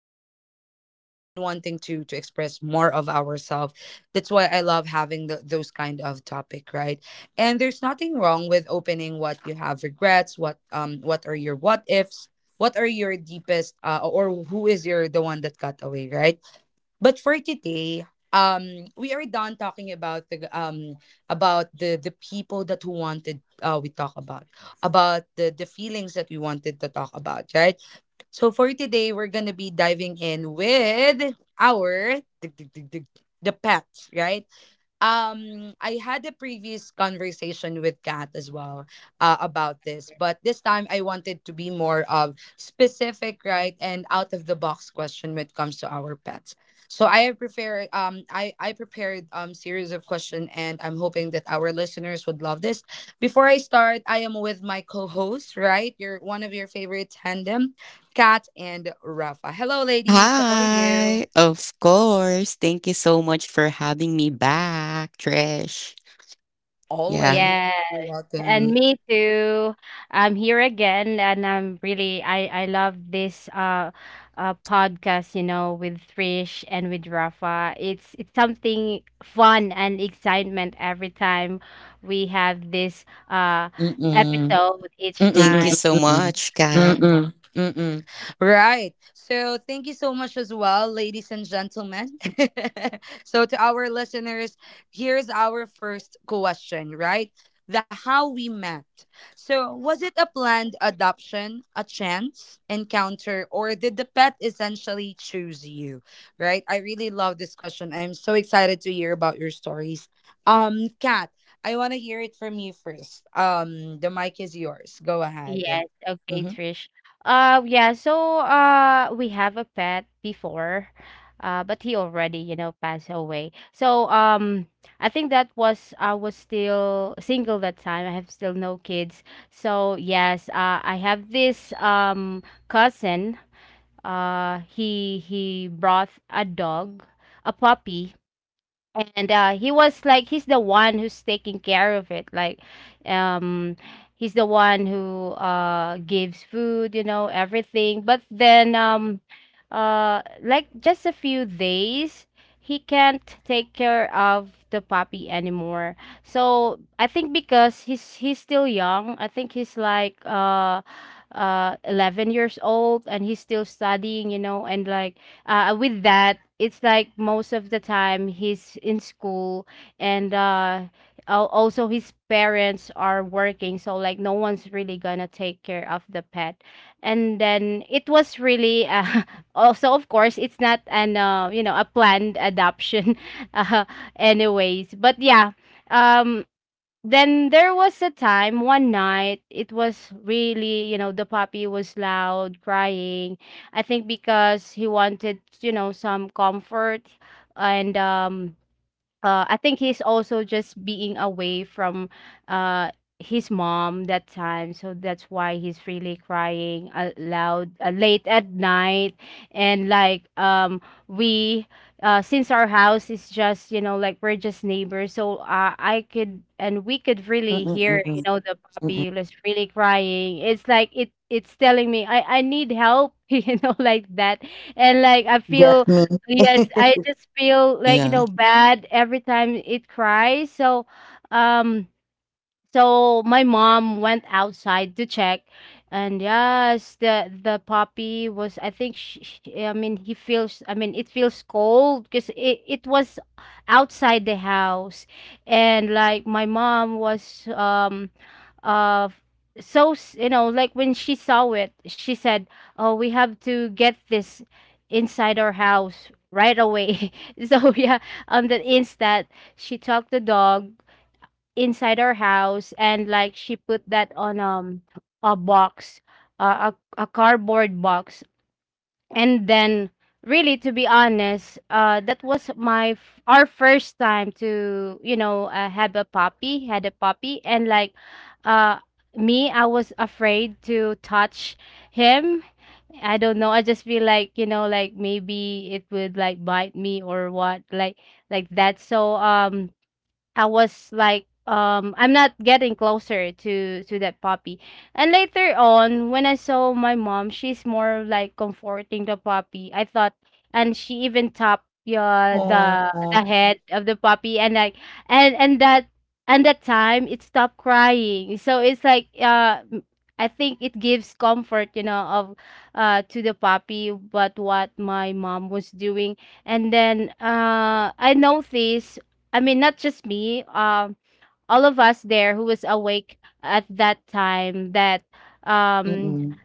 to, we've been wanting to express more of ourselves. That's why I love having the, those kind of topic, right? And there's nothing wrong with opening what you have regrets, what are your what ifs, what are your deepest or who is your the one that got away, right? But for today, we are done talking about the people that who wanted, we talk about about the feelings that we wanted to talk about, right? So for today we're gonna be diving in with our the pets, right? I had a previous conversation with Kat as well, about this, but this time I wanted to be more of specific, right, and out of the box question when it comes to our pets. So I have prepared I prepared series of question and I'm hoping that our listeners would love this. Before I start, I am with my co-host, right, your one of your favorite tandem, Kat and Rafa. Hello, ladies, how are you? Hi, of course. Thank you so much for having me back, Trish. Yeah. Always. Yeah, You're and welcome. me too. I'm here again, and I'm really I love this podcast, you know, with Trish and with Rafa. It's something fun and excitement every time we have this Mm-mm. episode each Mm-mm, Thank mm-mm, you time. so mm-mm. much, Kat. Mm-mm, mm. Right. So thank you so much as well, ladies and gentlemen. So to our listeners, here's our first question, right? The how we met. So was it a planned adoption, a chance encounter, or did the pet essentially choose you? Right? I really love this question. I'm so excited to hear about your stories. Kat, I want to hear it from you first. The mic is yours. Go Yes, ahead. okay, Mm-hmm. Trish. Yeah, so we have a pet before, but he already, you know, passed away. So I think that was I was still single that time. I have still no kids. So yes, I have this cousin. He brought a dog, a puppy, and he was like he's the one who's taking care of it, like um he's the one who gives food, you know, everything. But then like just a few days he can't take care of the puppy anymore. So I think because he's still young, I think he's like 11 years old and he's still studying, you know, and like with that, it's like most of the time he's in school, and also his parents are working, so like no one's really gonna take care of the pet. And then it was really also, of course, it's not an you know, a planned adoption, uh, anyways. But yeah, um, then there was a time one night it was really, you know, the puppy was loud crying. I think because he wanted, you know, some comfort, and I think he's also just being away from uh, his mom that time, so that's why he's really crying loud late at night, and like we since our house is just, you know, like we're just neighbors, so I could and we could really Mm-mm, hear, you mm-mm, know, the mm-mm. puppy was really crying. It's like it's telling me I need help you know, like that, and like I feel Get me. Yes, I just feel like, you Yeah. know, bad every time it cries. So, um, so my mom went outside to check, and yes, the puppy was. I think she- I mean, he feels. I mean, it feels cold because it was outside the house, and like my mom was of you know, like when she saw it she said, oh, we have to get this inside our house right away. So yeah, on the instant she took the dog inside our house, and like she put that on a box uh, a cardboard box, and then really to be honest that was our first time to, you know, have a puppy had a puppy, and like uh me, I was afraid to touch him. I don't know, I just feel like, you know, like maybe it would like bite me or what, like that. So I was like, I'm not getting closer to that puppy. And later on, when I saw my mom, she's more like comforting the puppy, I thought, and she even tapped, yeah, the Uh, head of the puppy, and like, and and that and that time it stopped crying. So it's like, m- I think it gives comfort, you know, of to the puppy. But what my mom was doing, and then I noticed, I mean, not just me, all of us there who was awake at that time that um mm-mm.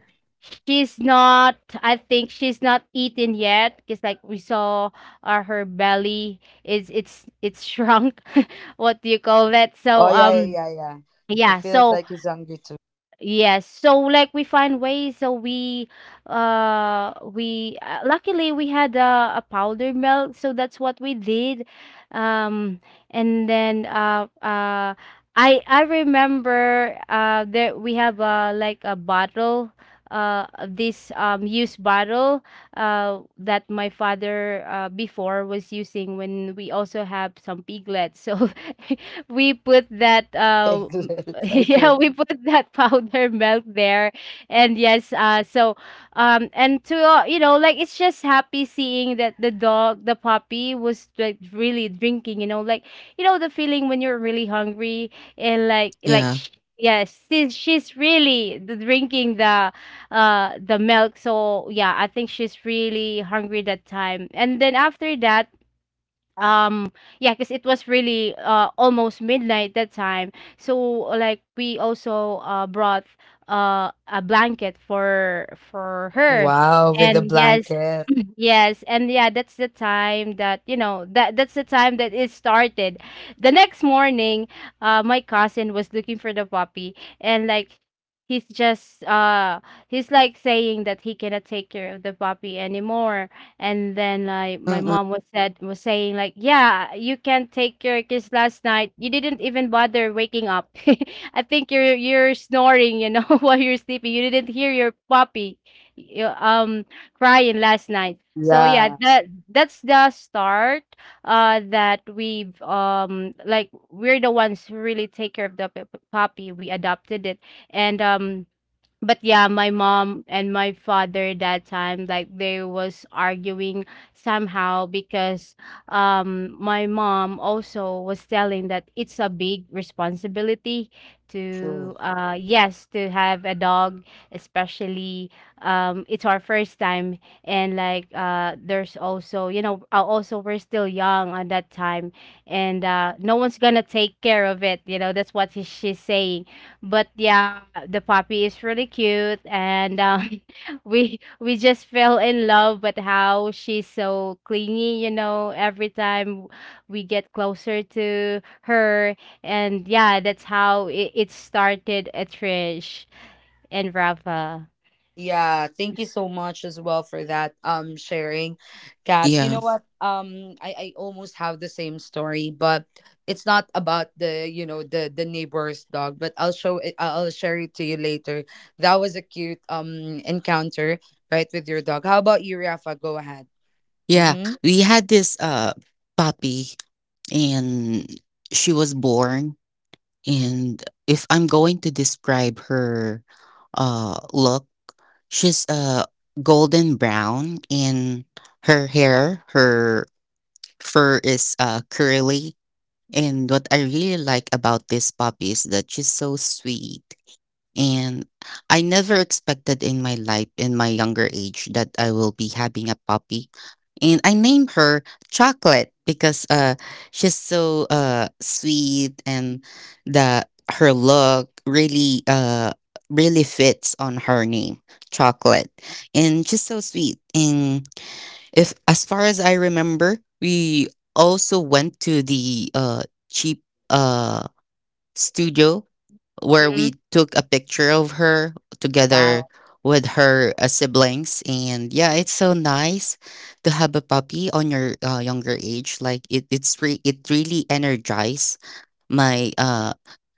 she's not, I think she's not eaten yet, because like we saw her belly is it's shrunk. What do you call that? So Oh yeah, yeah, yeah, yeah. It yeah feels so like he's hungry too. Yes. So like we find ways. So we luckily we had a powder milk, so that's what we did. Um, and then I remember that we have like a bottle, this used bottle that my father before was using when we also have some piglets, so we put that Piglet. yeah Okay. we put that powder milk there, and yes so and to you know, like it's just happy seeing that the puppy was like really drinking, you know, like you know the feeling when you're really hungry, and like Yeah. Yes she's really drinking the milk. So yeah, I think she's really hungry that time. And then after that, um, yeah, because it was really almost midnight that time, so like we also brought a blanket for her, Wow, with the and yes blanket. yes, and yeah that's the time that, you know, that's the time that it started. The next morning my cousin was looking for the puppy, and like he's just he's like saying that he cannot take care of the puppy anymore. And then like my Mm-mm. mom was saying like, yeah, you can't take your kiss, last night you didn't even bother waking up, I think you're snoring, you know, while you're sleeping you didn't hear your puppy y- um crying last night. So yeah, Yeah, that's the start that we've like we're the ones who really take care of the puppy, we adopted it. And but yeah, my mom and my father that time, like they was arguing somehow because my mom also was telling that it's a big responsibility to true. Yes, to have a dog, especially it's our first time, and like there's also, you know, also we're still young at that time, and no one's gonna take care of it, you know, that's what she's saying. But yeah, the puppy is really cute, and we just fell in love with how she's so clingy, you know. Every time we get closer to her, and yeah, that's how it started. At Trish and Rafa. Yeah, thank you so much as well for that sharing. Kat, you know Yeah. what? I almost have the same story, but it's not about the, the neighbor's dog, but I'll show it, I'll share it to you later. That was a cute encounter, right, with your dog. How about you, Rafa? Go ahead. Yeah. Mhm. We had this puppy, and she was born. And if I'm going to describe her look, she's golden brown in her hair, her fur is curly. And what I really like about this puppy is that she's so sweet. And I never expected in my life, in my younger age, that I will be having a puppy. And I named her Chocolate because she's so sweet, and the her look really really fits on her name, Chocolate. And she's so sweet. And if as far as I remember, we also went to the cheap uh studio where Hmm. we took a picture of her together Wow. with her siblings. And yeah, it's so nice to have a puppy on your younger age, like it really energized my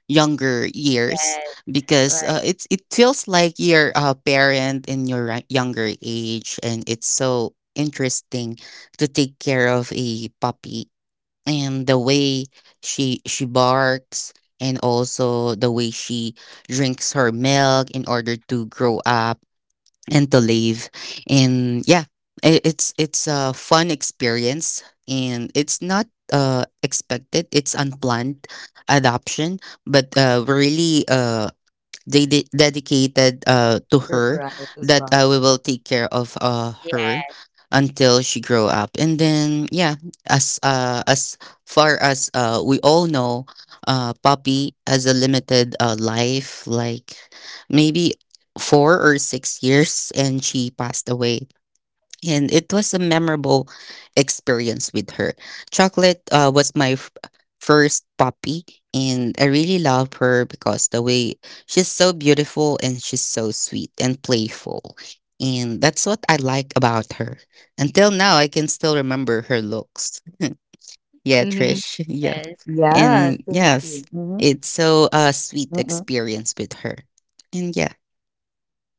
younger years, Yes. because Right. it feels like you're a parent in your younger age, and it's so interesting to take care of a puppy. And the way she barks, and also the way she drinks her milk in order to grow up and to live. And yeah, it's a fun experience, and it's not expected. It's unplanned adoption, but really they dedicated, to her, Surprise as that well. We will take care of Yeah. her until she grow up. And then, yeah, as far as we all know, puppy has a limited life, like maybe 4 or 6 years, and she passed away. And it was a memorable experience with her. Chocolate was my first puppy, and I really love her because the way she's so beautiful, and she's so sweet and playful. And that's what I like about her. Until now, I can still remember her looks. Yeah, Mm-hmm. Trish. Yeah. Yes. Yeah, And thank yes, you. Mhm. it's so a sweet Mm-mm. experience with her. And yeah,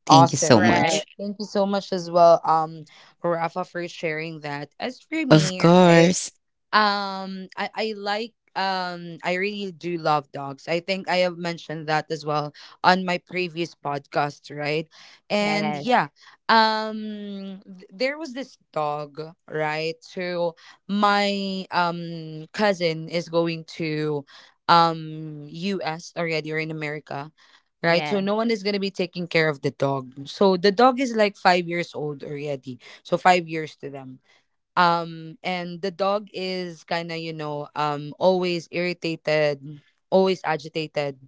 thank you so Awesome, right? Right. much. Thank you so much as well, Rafa, for sharing that. As for Of me, right? course. I like I really do love dogs. I think I have mentioned that as well on my previous podcast, right? And Yes. yeah, there was this dog, right? So my cousin is going to US already or in America. Right, so Yes. no one is gonna be taking care of the dog. So the dog is like 5 years old already. So 5 years to them, and the dog is kind of, you know, always irritated, always agitated,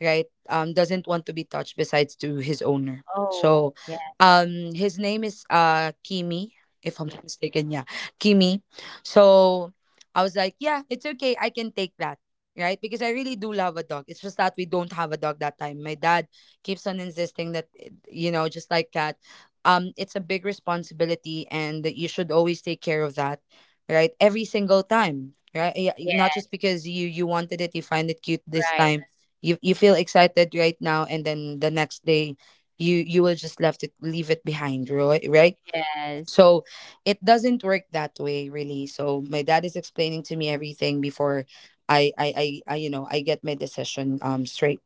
right? Doesn't want to be touched besides to his owner. Oh. So, Yeah. His name is Kimi, if I'm not mistaken. Yeah, Kimi. So I was like, yeah, it's okay, I can take that, right? Because I really do love a dog. It's just that we don't have a dog that time. My dad keeps on insisting that, eh, you know, just like cat it's a big responsibility and you should always take care of that, right, every single time, right? Yeah, Yeah. not just because you wanted it, you find it cute this Right. time, you feel excited right now, and then the next day you you will just left it, leave it behind, right, right? Yes. So it doesn't work that way really. So my dad is explaining to me everything before I you know, I get my decision straight.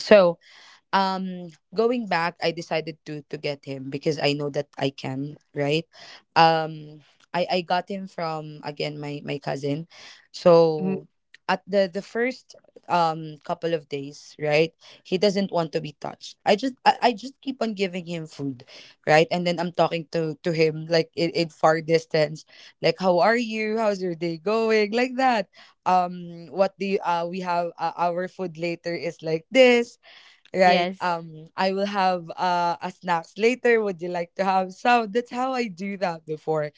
So, um going back, I decided to get him because I know that I can, right? Um i i got him from, again, my cousin. Hmm. So at the first couple of days, right, he doesn't want to be touched. I just I just keep on giving him food, right, and then I'm talking to him like in far distance, like, how are you, how's your day going, like that. Um, what do you, we have, our food later is like this, right? Yes. I will have a snacks later. Would you like to have some? That's how I do that before.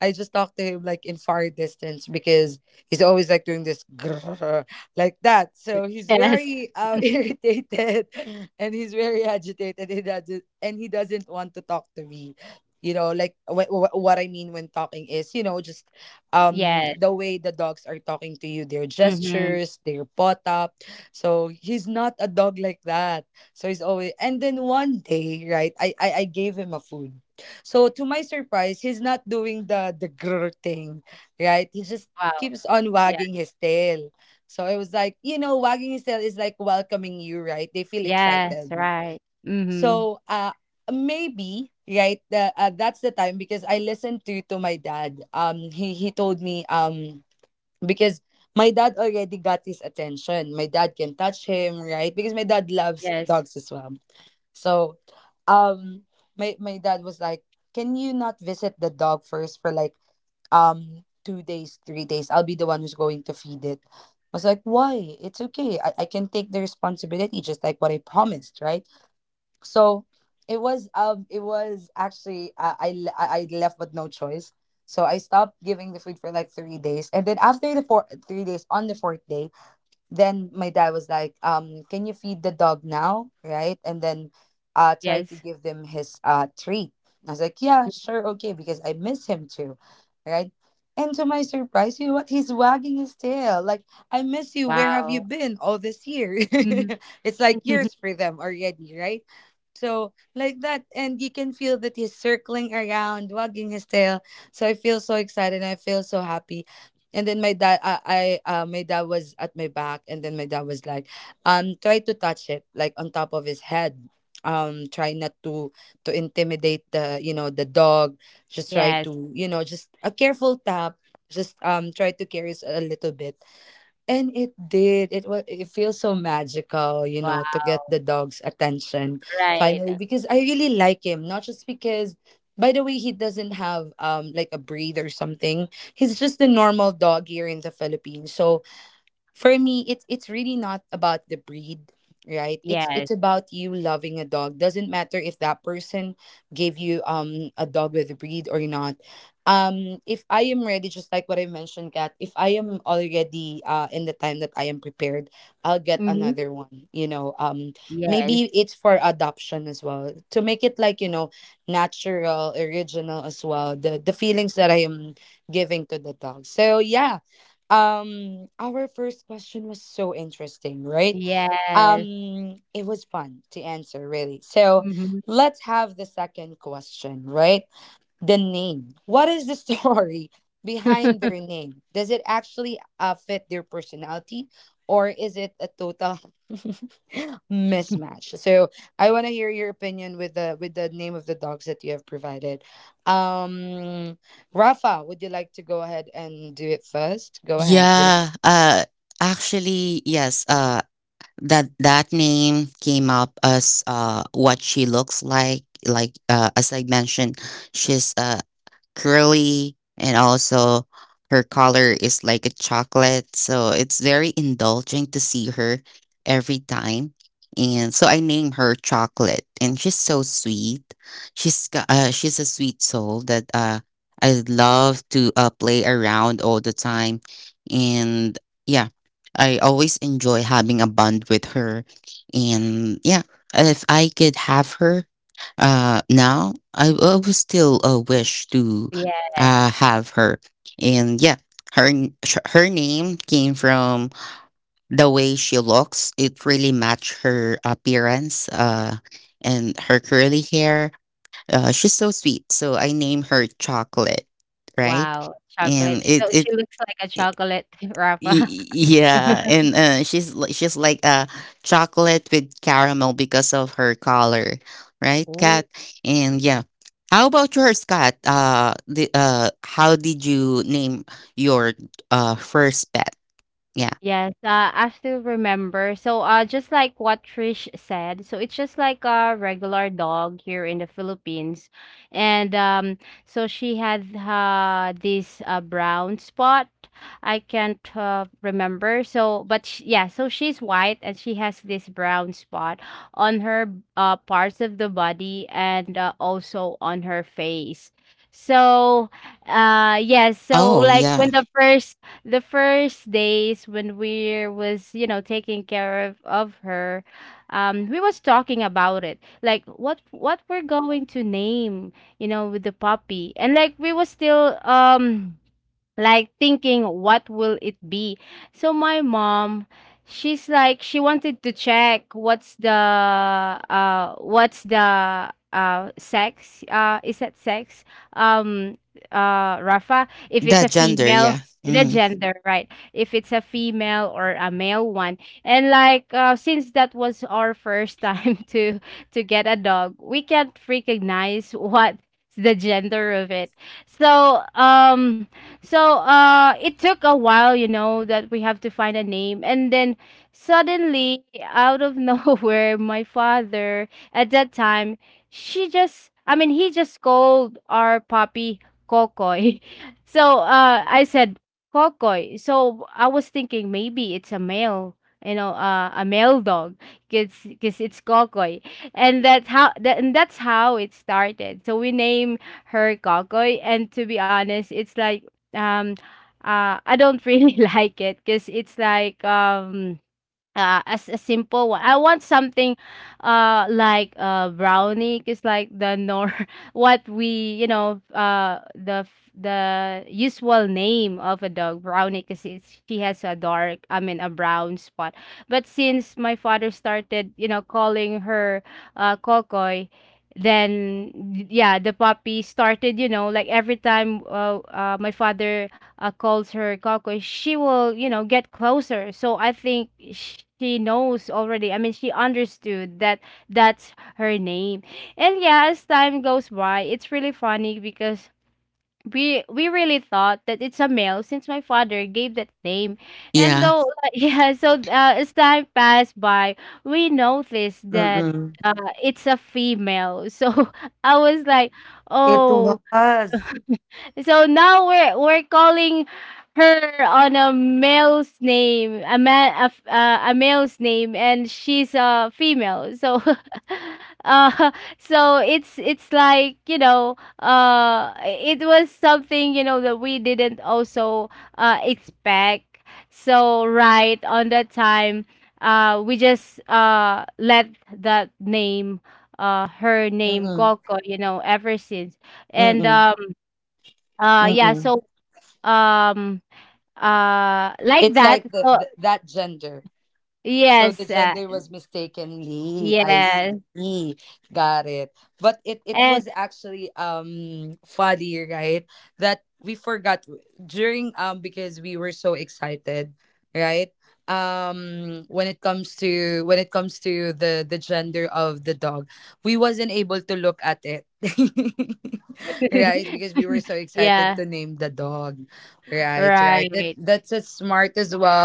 I just talk to him like in far distance because he's always like doing this, grrr, like that. So he's Yes. very, irritated, and he's very agitated. He doesn't, and he doesn't want to talk to me. You know, like, what I mean when talking is, you know, just Yes. the way the dogs are talking to you, their Mhm. gestures, their pot up. So he's not a dog like that. So he's always, and then one day, right? I gave him a food. So to my surprise, he's not doing the grr thing, right? He just Wow. keeps on Yeah. wagging his tail. So it was like, you know, wagging his tail is like welcoming you, right? They feel Yes, excited. right. Mhm. So, maybe, right, the, that's the time because I listened to my dad. Um, he told me, because my dad already got his attention. My dad can touch him, right? Because my dad loves Yes. dogs as well. So, um, my my dad was like, "Can you not visit the dog first for like 2 days, 3 days? I'll be the one who's going to feed it." I was like, "Why? It's okay. I can take the responsibility, just like what I promised, right?" So it was, it was actually, I left with no choice. So I stopped giving the food for like 3 days, and then after the four three days, on the fourth day, then my dad was like, um, can you feed the dog now, right, and then try Yes. to give them his treat. I was like, Mm. yeah, sure, okay, because I miss him too, right. And to my surprise, you know what, he's wagging his tail like, I miss you, where have Wow. you been all this year? Mhm. It's like years for them already, right? So like that. And you can feel that he's circling around, wagging his tail. So I feel so excited, I feel so happy. And then my dad, I my dad was at my back, and then my dad was like, try to touch it like on top of his head. Um, try not to to intimidate the, you know, the dog. Just try Yes. to, you know, just a careful tap, just, try to carry us a little bit. And it did. It was, it feels so magical, you know, to get Wow. the dog's attention finally, Right. because I really like him, not just because, by the way, he doesn't have, like a breed or something. He's just a normal dog here in the Philippines. So for me it's really not about the breed, right, it's Yes. it's about you loving a dog. Doesn't matter if that person gave you a dog with a breed or not. Um, if I am ready, just like what I mentioned, Kat, if I am already, in the time that I am prepared, I'll get Mhm. another one, you know. Um, Yes. maybe it's for adoption as well to make it like, you know, natural, original as well, the feelings that I am giving to the dog. So yeah, our first question was so interesting, right? Yes. It was fun to answer, really. So Mhm. let's have the second question, right? The name. What is the story behind their name? Does it actually, fit their personality, or is it a total mismatch? So I want to hear your opinion with the name of the dogs that you have provided. Um, Rafa, would you like to go ahead and do it first? Go ahead. When? Yeah, actually, yes, that name came up as what she looks like, as I mentioned, she's curly, and also her color is like a chocolate, so it's very indulging to see her every time. And so I name her Chocolate, and she's so sweet. She's a sweet soul that I love to play around all the time. And yeah, I always enjoy having a bond with her. And yeah, if I could have her now, I would still wish to Yes. Have her. And yeah, her name came from the way she looks. It really matched her appearance, and her curly hair. She's so sweet. So I named her Chocolate, right? Wow. Chocolate. And So it she looks like a chocolate wrapper. Y- Yeah, and she's like chocolate with caramel because of her color, right, Oh. Kat? And yeah, how about yours, Kat? The How did you name your first pet? Yeah. Yes, I still remember. So, just like what Trish said, so it's just like a regular dog here in the Philippines, and so she had this brown spot. I can't remember. So, but sh yeah, so she's white and she has this brown spot on her parts of the body and also on her face. So, yes. So Oh like yeah, when the first days when we was, you know, taking care of her, we was talking about it like what we're going to name, you know, with the puppy, and like we was still like thinking what will it be. So my mom, she's like she wanted to check what's the sex, is that sex um Rafa, if it's a that gender. female Yeah. the Hmm. gender, right? If it's a female or a male one, and like since that was our first time to get a dog, we can't recognize what the gender of it. So so it took a while, you know, that we have to find a name. And then suddenly, out of nowhere, my father at that time, she just, I mean, he just called our puppy Kokoy. So I said, Kokoy. So I was thinking maybe it's a male, you know, a male dog, because it's Kokoy. And and that's how it started. So we name her Kokoy. And to be honest, it's like um, I don't really like it because it's like as a simple one. I want something like brownie, because like the nor what we, you know, the usual name of a dog, brownie, because it's she has a dark, I mean a brown spot. But since my father started, you know, calling her Kokoy, then yeah the puppy started, you know, like every time my father calls her Coco, she will, you know, get closer. So I think she knows already. I mean, she understood that that's her name. And yeah, as time goes by, it's really funny because we really thought that it's a male since my father gave that name. And Yeah. though yeah, so as time passed by, we noticed that Mm. uh, it's a female. So I was like, It "Oh, was. so now we're calling her on a male's name, a man, a male's name, and she's a female. So, uh, so it's it's like it was something that we didn't also expect. So right on that time, we just let that name, her name Mm-mm. Coco, ever since, and Mm-mm. uh uh, yeah, Mm-mm. so, um, like It's that, like so the, that gender. So the yes, gender was mistakenly. I yes, see. Got it. But it and was actually, funny, right? That we forgot during, because we were so excited, right? Um, when it comes to, when it comes to the gender of the dog, we wasn't able to look at it. Right? Because we were so excited yeah, to name the dog. Right, right. That right, that's as smart as well.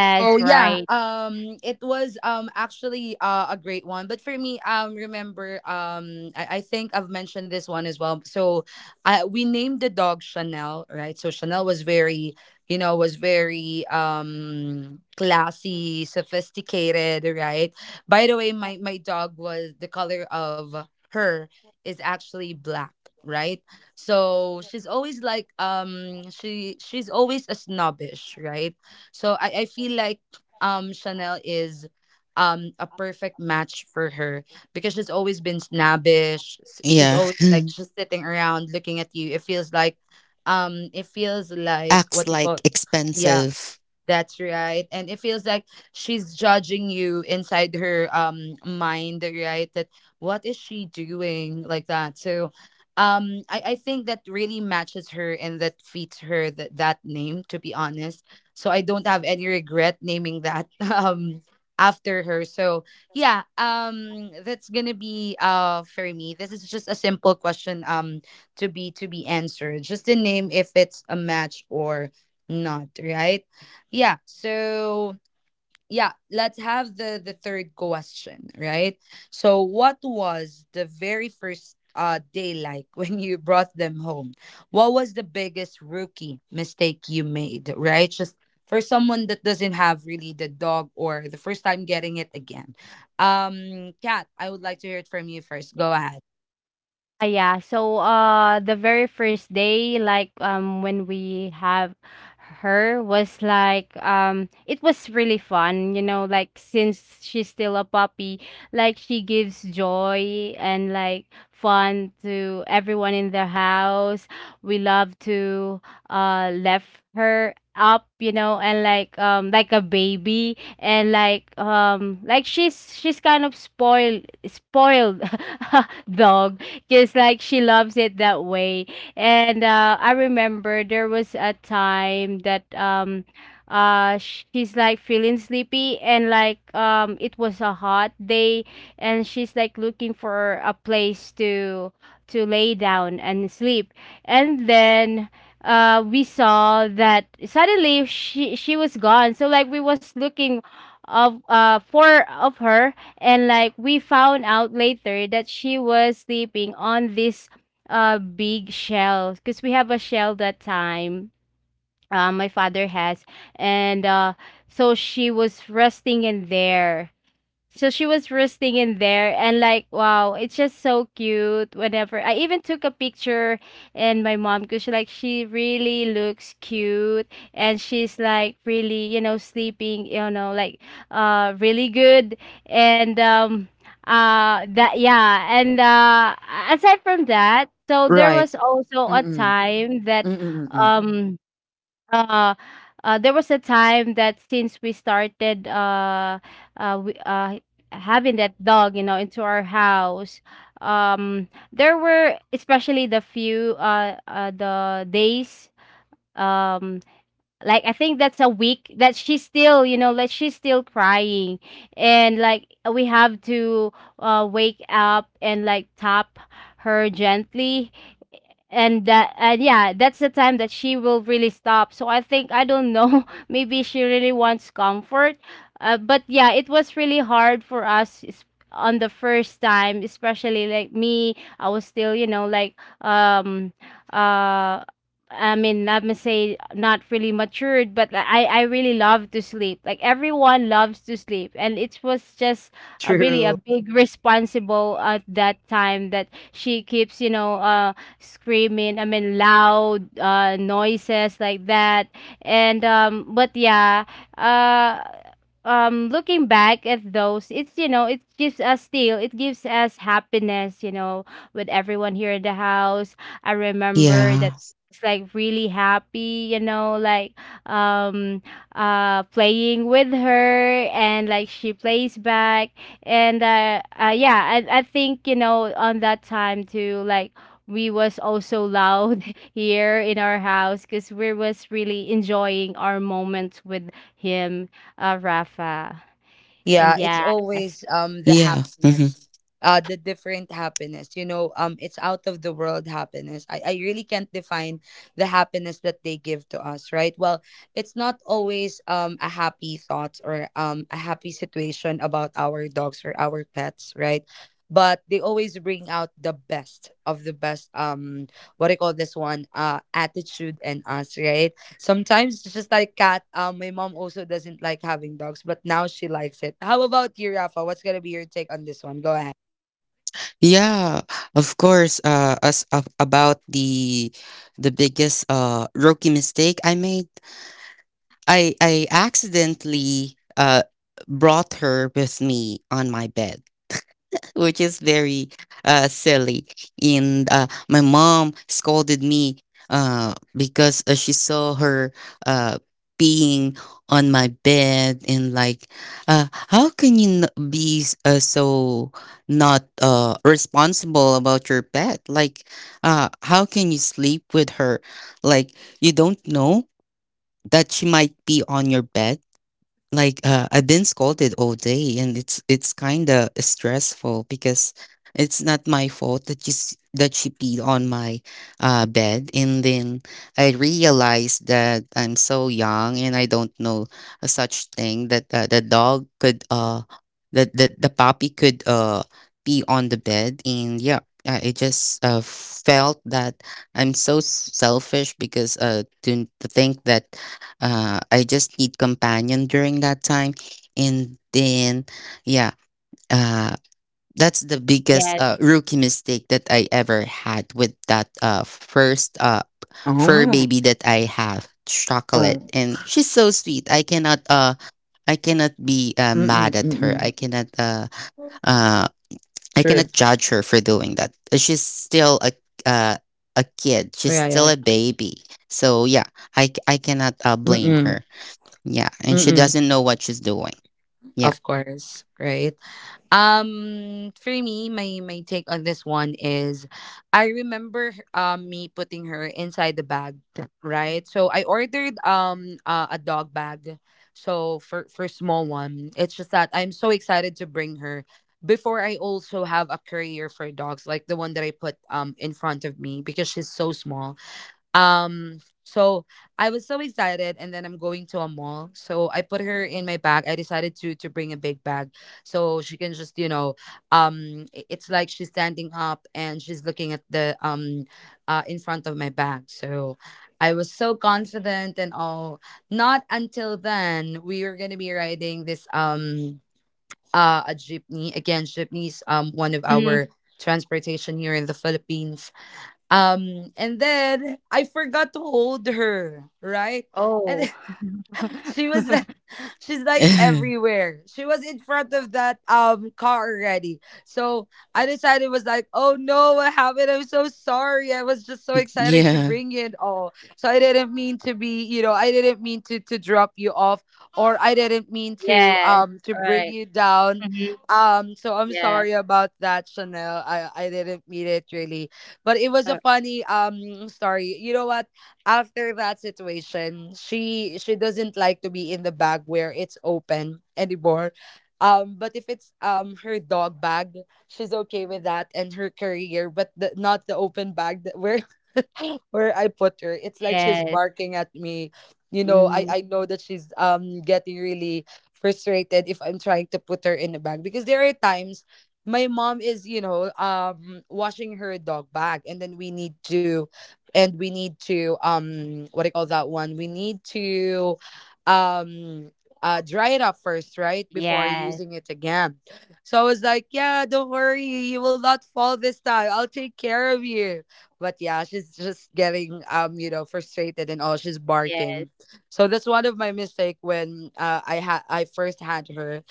So yeah, right. It was, actually, a great one. But for me, remember, I think I've mentioned this one as well. So, I we named the dog Chanel, right? So Chanel was very classy, sophisticated, right? By the way, my dog was the color of her is actually black, right? So she's always like she's always a snobbish, right? So I feel like Chanel is a perfect match for her because she's always been snobbish. She's Yeah. always like just sitting around looking at you. It feels like. Acts What do you call like Yeah, expensive. that's right. And it feels like she's judging you inside her mind, right? That what is she doing like that? So I think that really matches her and that fits her that name, to be honest. So I don't have any regret naming that um after her. So yeah, that's gonna be for me. This is just a simple question to be answered. Just the name if it's a match or not, right? Yeah, so yeah, let's have the third question, right? So what was the very first day like when you brought them home? What was the biggest rookie mistake you made, right? Just for someone that doesn't have really the dog or the first time getting it again. Kat, I would like to hear it from you first. Go ahead. Yeah. So, the very first day, when we have her was like, it was really fun, since she's still a puppy, like, she gives joy and, like, fun to everyone in the house. We love to, left her up, and like a baby, and like she's kind of spoiled dog because like she loves it that way and I remember there was a time that she's like feeling sleepy and like it was a hot day, and she's like looking for a place to lay down and sleep. And then we saw that suddenly she was gone, so like we was looking of for of her, and like we found out later that she was sleeping on this big shell because we have a shell that time. My father has, and so she was resting in there, and like wow, it's just so cute. Whenever I even took a picture and my mom, because she really looks cute and she's like really, you know, sleeping, you know, like really good. And that yeah and aside from that, so there Right. was also a Mm-mm. time that Mm-mm. Mm-mm. um uh, since we started uh, we, uh, having that dog, into our house, there were especially the few the days. Um, like I think that's a week that she's still, you know, like she's still crying, and like we have to wake up and like tap her gently, and that. And yeah, that's the time that she will really stop. So I think I don't know, maybe she really wants comfort. But yeah, it was really hard for us on the first time, especially like me. I was still you know like um uh I mean, let me say not really matured, but I really love to sleep. Like everyone loves to sleep, and it was just a, really a True. big responsible at that time that she keeps, you know, screaming, I mean loud noises like that. And but yeah, uh looking back at those, it's you know, it gives us happiness, you know, with everyone here in the house. I remember that Yeah. it's like really happy, you know, like um playing with her, and like she plays back. And yeah, I think you know on that time too, like we was also loud here in our house because we was really enjoying our moments with him, Rafa. And Yeah, it's yes, always the Yeah. happiness. The different happiness. You know, it's out of the world happiness. I really can't define the happiness that they give to us, right? Well, it's not always a happy thought or a happy situation about our dogs or our pets, right? But they always bring out the best of the best what do you call this one? Attitude in us, right? Sometimes it's just like cat. My mom also doesn't like having dogs, but now she likes it. How about you, Rafa? What's gonna be your take on this one? Go ahead. Yeah, of course. As of, about the biggest rookie mistake I made, I accidentally brought her with me on my bed, which is very silly. And my mom scolded me, because she saw her uh, being on my bed. And like, how can you be so not responsible about your pet? Like, how can you sleep with her? Like, you don't know that she might be on your bed. Like I've been scolded all day, and it's kind of stressful, because it's not my fault that that she peed on my bed. And then I realized that I'm so young, and I don't know a such thing that the dog could that the puppy could pee on the bed. And yeah. I just felt that I'm so selfish, because to think that, I just need companion during that time. And then, yeah, uh, that's the biggest yes. rookie mistake that I ever had with that first fur Oh, baby that I have, Chocolate. oh, And she's so sweet. I cannot be mad mm-mm, at her. Mm-mm. Uh, I True. cannot judge her for doing that. She's still uh, a kid. She's Yeah, yeah, still a yeah. baby. So yeah, I cannot blame Mm-mm, her. Yeah, and she mm-mm. doesn't know what she's doing. Yeah. Of course, right? For me, my take on this one is, I remember me putting her inside the bag, right? So I ordered a dog bag, so for small one. It's just that I'm so excited to bring her. Before I also have a carrier for dogs, like the one that I put in front of me because she's so small. So I was so excited, and then I'm going to a mall. So I put her in my bag. I decided to bring a big bag, so she can just it's like she's standing up and she's looking at the in front of my bag. So I was so confident and all. Not until then we were gonna be riding this a jeepney again. Jeepney is one of Mhm. our transportation here in the Philippines, and then I forgot to hold her, right? And Oh, then she was She's like everywhere. She was in front of that car already. So I decided was like, oh no, what happened? I'm so sorry. I was just so excited to Yeah. bring you and all. So I didn't mean to be, I didn't mean to drop you off or I didn't mean yes, to bring right. you down. Mm-hmm. So I'm Yes, sorry about that, Chanel. I didn't mean it really. But it was a oh, funny story. You know what? After that situation, she doesn't like to be in the bag where it's open anymore. But if it's her dog bag, she's okay with that and her career, but not the open bag, that where where I put her. It's like she's yes, barking at me. You know, I, mm, I know that she's getting really frustrated if I'm trying to put her in the bag because there are times my mom is, washing her dog bag, and then we need to and we need to what do you call that one? We need to um dry it up first, right? Before yes, using it again. So I was like, yeah, don't worry, you will not fall this time. I'll take care of you. But yeah, she's just getting frustrated, and all she's yes, barking. So that's one of my mistake when I first had her.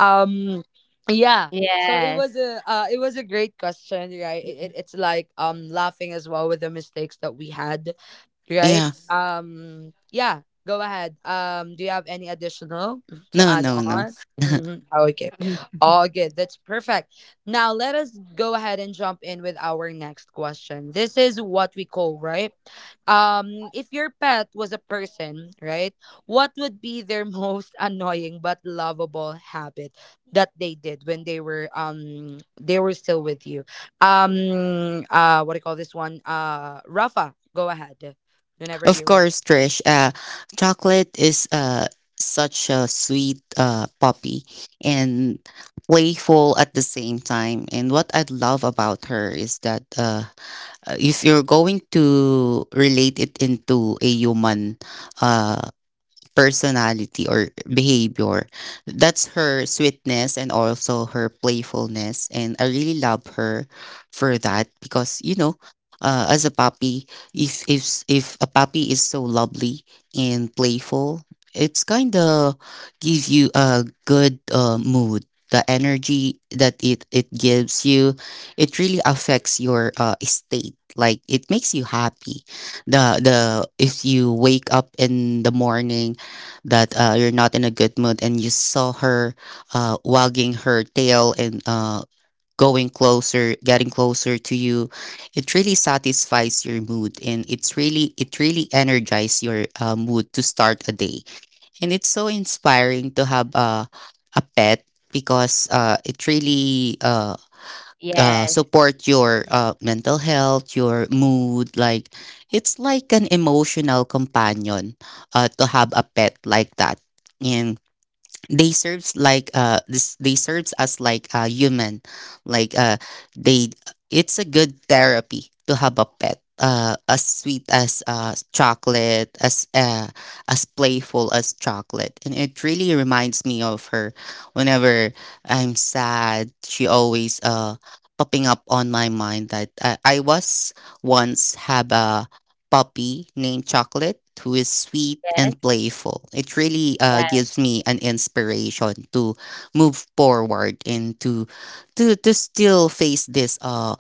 Um yeah, so yes. It was a great question, right? it, Mhm. it- it's like laughing as well with the mistakes that we had. Right? Yeah. Yeah, go ahead. Do you have any additional to No, add no, no. on? Mm-hmm. Okay. All good. That's perfect. Now let us go ahead and jump in with our next question. This is what we call, right? If your pet was a person, right? What would be their most annoying but lovable habit that they did when they were still with you? What do you call this one? Rafa, go ahead whenever Of you're ready. course, Trish, Chocolate is such a sweet puppy, and playful at the same time. And what I love about her is that, if you're going to relate it into a human uh personality or behavior. That's her sweetness, and also her playfulness. And I really love her for that, because, as a puppy, if a puppy is so lovely and playful, it's kind of give you a good mood. The energy that it gives you, it really affects your state. Like, it makes you happy. The If you wake up in the morning that, you're not in a good mood, and you saw her wagging her tail, and going closer getting closer to you, it really satisfies your mood, and it really energizes your mood to start a day. And it's so inspiring to have a pet, because it really, Yes, support your mental health, your mood. Like, it's like an emotional companion, to have a pet like that. And they serves as like a human, like uh they it's a good therapy to have a pet, as sweet as Chocolate, as playful as Chocolate. And it really reminds me of her. Whenever I'm sad, she always popping up on my mind, that I was once have a puppy named Chocolate, who is sweet yes, and playful. It really yes, gives me an inspiration to move forward, and to still face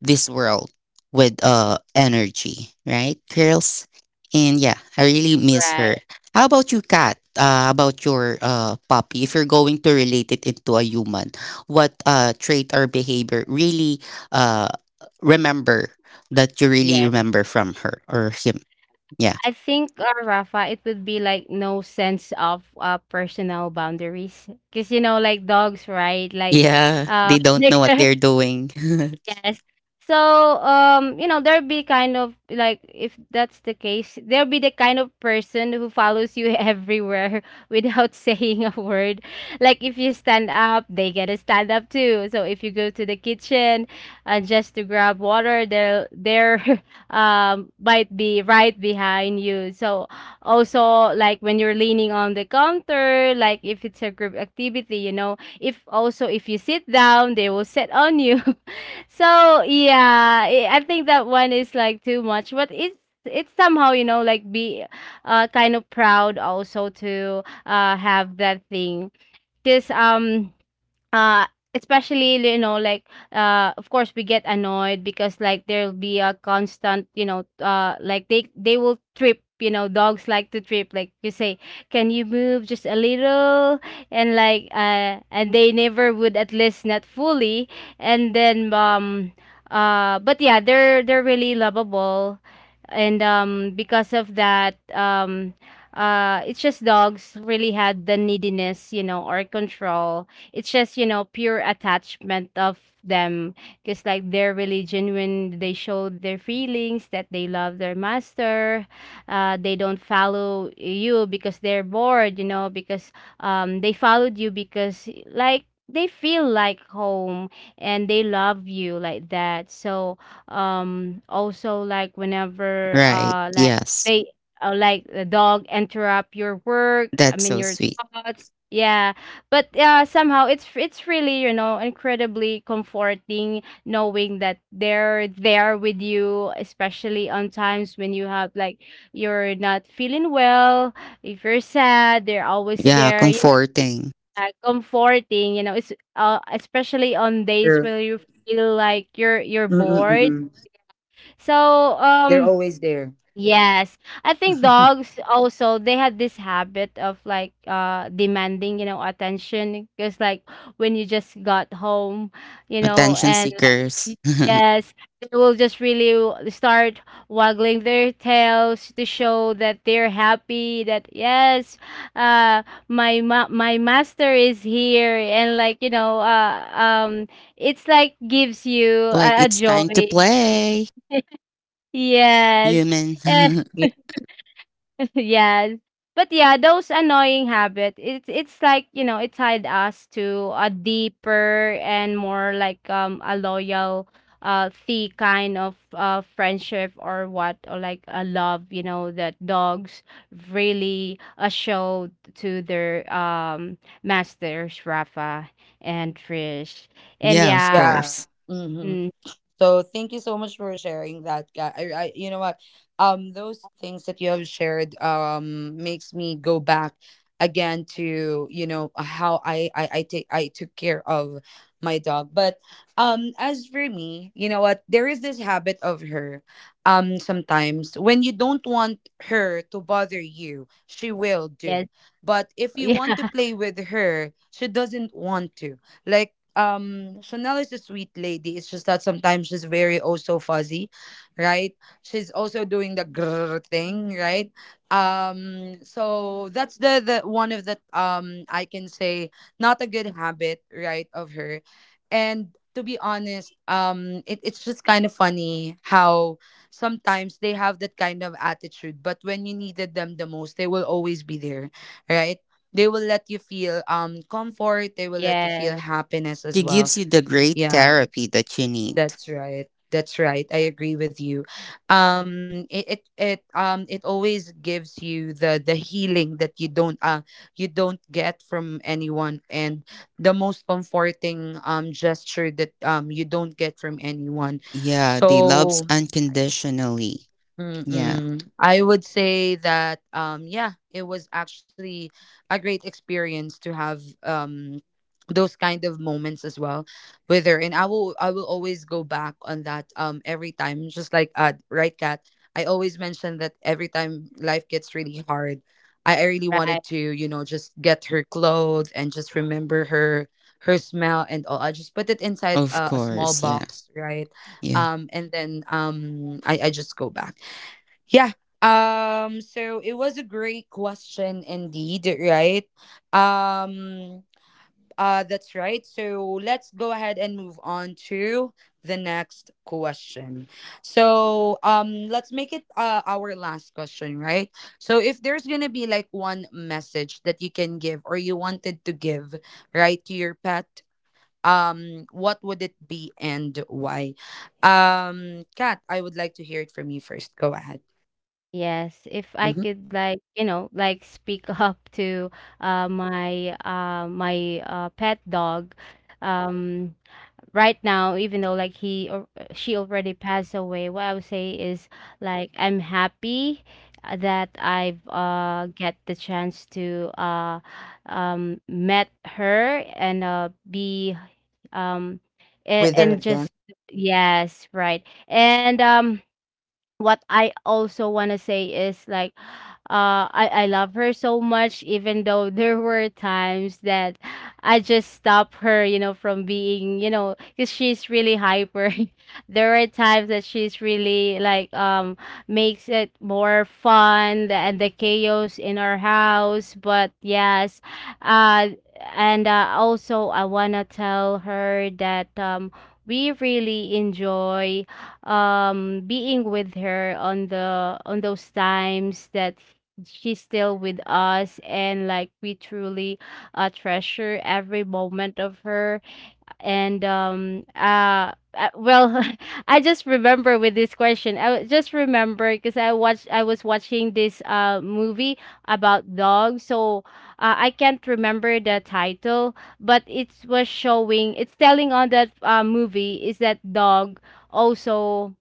this world with energy, right, girls? And yeah, I really miss right, her. How about you, Kat? About your puppy? If you're going to relate it into a human, what trait or behavior really uh remember that you really yes. remember from her or him. Yeah. I think, Rafa, it would be like no sense of personal boundaries. Because, you know, like dogs, right? Like, Yeah, they don't know what they're, they're doing. yes. So, you know, there'll be kind of like, if that's the case, there'll be the kind of person who follows you everywhere without saying a word. Like if you stand up, they get to stand up too. So if you go to the kitchen just to grab water, they're might be right behind you. So also like when you're leaning on the counter, like if it's a group activity, you know, if also if you sit down, they will sit on you. So yeah, I think that one is like too much, but it's somehow you know like be kind of proud also to have that thing, because uh especially you know like of course we get annoyed because like there'll be a constant you know like they will trip, you know. Dogs like to trip, like you say, can you move just a little? And like and they never would, at least not fully. And then but yeah, they're really lovable. And because of that, it's just dogs really had the neediness, you know, or control. It's just you know pure attachment of them, because like they're really genuine. They show their feelings that they love their master. They don't follow you because they're bored, you know, because they followed you because like they feel like home, and they love you like that. So also like whenever Right. Yes. they like the dog interrupt your work, I That's mean so your sweet. thoughts, yeah. But, somehow it's really, you know, incredibly comforting knowing that they're there with you, especially on times when you have like you're not feeling well, if you're sad, they're always Yeah. there, you know, Comforting. like comforting, you know. It's especially on days where Sure. you feel like you're bored. Mm-mm-mm-mm. So, They're um always there. yes. I think dogs also they had this habit of like demanding, you know, attention because like when you just got home, you know, Attention and like, y- seekers. yes, they will just really start waggling their tails to show that they're happy. That yes, my my master is here, and like, you know, it's like gives you Like a it's time to joy. play, Yes. human. Yes. But yeah, those annoying habits, it's like, you know, it tied us to a deeper and more like a loyal the kind of friendship, or what, or like a love, you know, that dogs really show to their masters, Rafa and Trish. And Yeah, of yeah, Yeah. course. Mhm. mm, So thank you so much for sharing that, guy. You know what? Those things that you have shared makes me go back again to you know how I took care of my dog. But as for me, you know what? There is this habit of her. Sometimes when you don't want her to bother you, she will yes. do. But if you Yeah, want to play with her, she doesn't want to. Like Chanel is a sweet lady. It's just that sometimes she's very, oh, so fuzzy, right? She's also doing the grrr thing, right? So that's the one of the I can say not a good habit, right, of her. And to be honest, it's just kind of funny how sometimes they have that kind of attitude, but when you needed them the most, they will always be there, right? They will let you feel comfort, they will let you feel yes, happiness as She well. gives you the great Yeah, therapy that you need. that's right, that's right, I agree with you. It always gives you the healing that you don't get from anyone, and the most comforting gesture that you don't get from anyone. Yeah. They loves So, unconditionally. Yeah. mm-mm, I would say that yeah, it was actually a great experience to have those kind of moments as well with her. And I will always go back on that every time, just like right, cat. I always mention that every time life gets really hard, I really right. wanted to, just get her clothes and just remember her smell and all. I just put it inside Of a small course. Yeah. box, right? Yeah. And then I just go back, yeah. So it was a great question indeed, right? Um that's right. So let's go ahead and move on to the next question. So let's make it our last question, right? So if there's going to be like one message that you can give or you wanted to give right to your pet, what would it be and why? Kat, I would like to hear it from you first. Go ahead. Yes, if I Mm-hmm. could like, you know, like speak up to my my pet dog um right now, even though like he or she already passed away, what I would say is like I'm happy that I've get the chance to met her and be um Wither her and again. just yes, right. And what I also want to say is like I love her so much, even though there were times that I just stop her you know from being you know, cuz she's really hyper. There are times that she's really like makes it more fun and the chaos in our house. But yes, uh and also I want to tell her that we really enjoy being with her on the on those times that she's still with us, and like we truly treasure every moment of her. And well, I just remember with this question, just remember because I was watching this movie about dogs. So I can't remember the title, but it was showing, it's telling on that movie is that dog also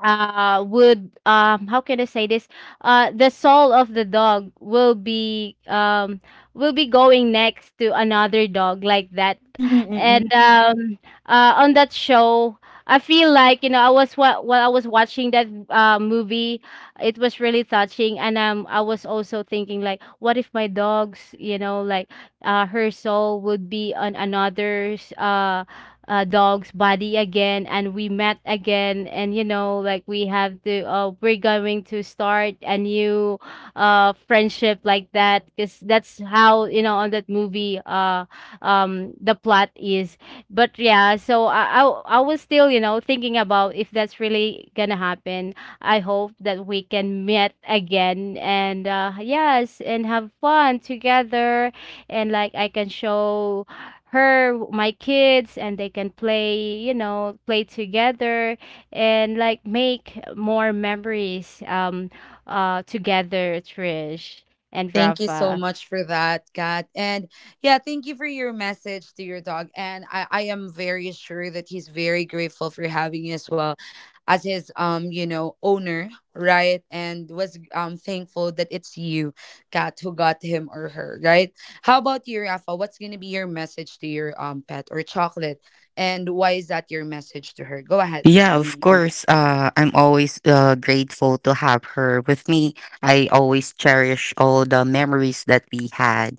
would how can I say this? The soul of the dog will be going next to another dog like that. Mm-mm-mm. And on that show, I feel like you know I was what while I was watching that movie, it was really touching. And I was also thinking like, what if my dog's you know like, her soul would be on another's dog's body again, and we met again, and you know like we have to we're going to start a new friendship like that, because that's how you know on that movie, the plot is. But yeah, so I was still you know thinking about if that's really gonna happen. I hope that we can meet again, and yes, and have fun together, and like I can show her my kids, and they can play, you know, play together, and like make more memories together, Trish and Thank you so Rafa. much for that, Kat. And yeah, thank you for your message to your dog. And I am very sure that he's very grateful for having you as well as his owner, right? And was thankful that it's you, Kat, who got him or her, right? How about you, Rafa? What's gonna be your message to your pet or chocolate? And why is that your message to her? Go ahead. Yeah, of Mm. course. I'm always grateful to have her with me. I always cherish all the memories that we had.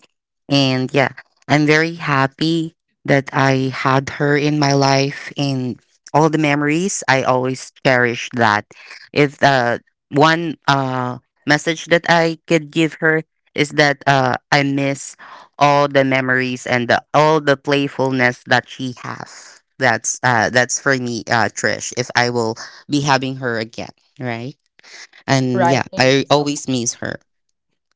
And yeah, I'm very happy that I had her in my life, and all the memories. I always cherish that. If, one message that I could give her is that, I miss all the memories, and all the playfulness that she has. That's for me, Trish, if I will be having her again, right? And yeah, Right. Thank I you so much. always miss her.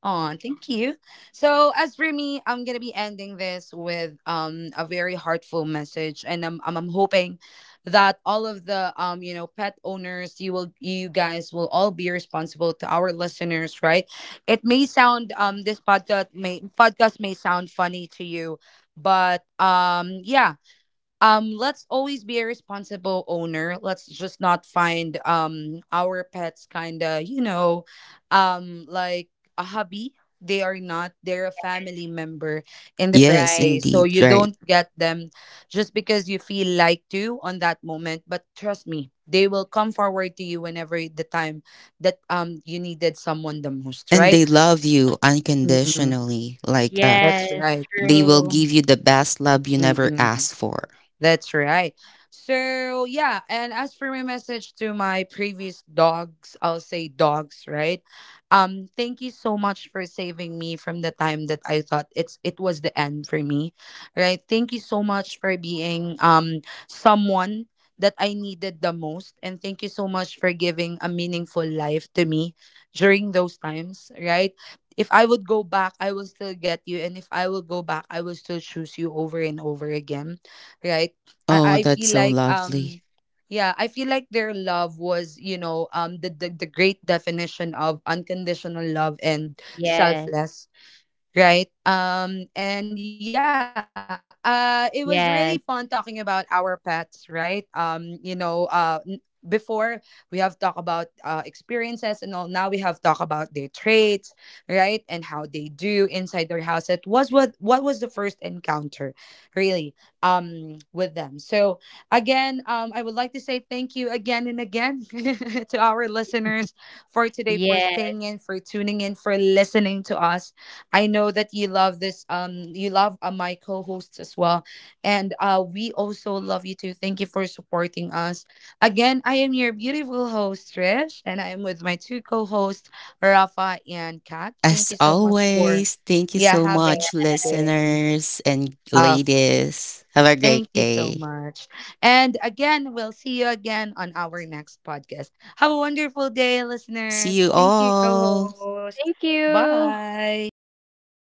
Oh, thank you. So as for me, I'm gonna be ending this with a very heartful message, and I'm hoping that all of the pet owners, you guys will all be responsible to our listeners, right? It may sound this podcast may sound funny to you, but yeah, let's always be a responsible owner. Let's just not find our pets kind of like a hobby. They are not, they're a family member in the first Yes, Right, place, so indeed, you right. don't get them just because you feel like to on that moment. But trust me, they will come forward to you whenever the time that you needed someone the most, And right? they love you Mm-mm. unconditionally. That's yes, right. They will true, give you the best love you never Mm-mm. asked for. That's right. So, yeah, and as for my message to my previous dogs, I'll say dogs, right? Thank you so much for saving me from the time that I thought it was the end for me. Right? Thank you so much for being someone that I needed the most, and thank you so much for giving a meaningful life to me during those times, right? If I would go back, I will still get you, and if I will go back, I will still choose you over and over again, right? Oh, I that's feel so like lovely. Yeah, I feel like their love was the the great definition of unconditional love and yes, selfless, right? And yeah, it was really fun talking yes, about our pets, right? Before we have talked about experiences and all. Now we have talked about their traits, right, and how they do inside their house. It was what was the first encounter, really, with them. So again, I would like to say thank you again and again to our listeners for today, for yes, staying in, for tuning in, for listening to us. I know that you love this. You love my co-hosts as well, and we also love you too. Thank you for supporting us. Again, I am your beautiful host Trish, and I am with my two co-hosts Rafa and Kat. Thank As you so much for, always, thank you yeah, so having much, me today. listeners and Of course. ladies. Have a Thank great you so day. much. And again, we'll see you again on our next podcast. Have a wonderful day, See listeners. you Thank you, all. co-host. thank you. Bye.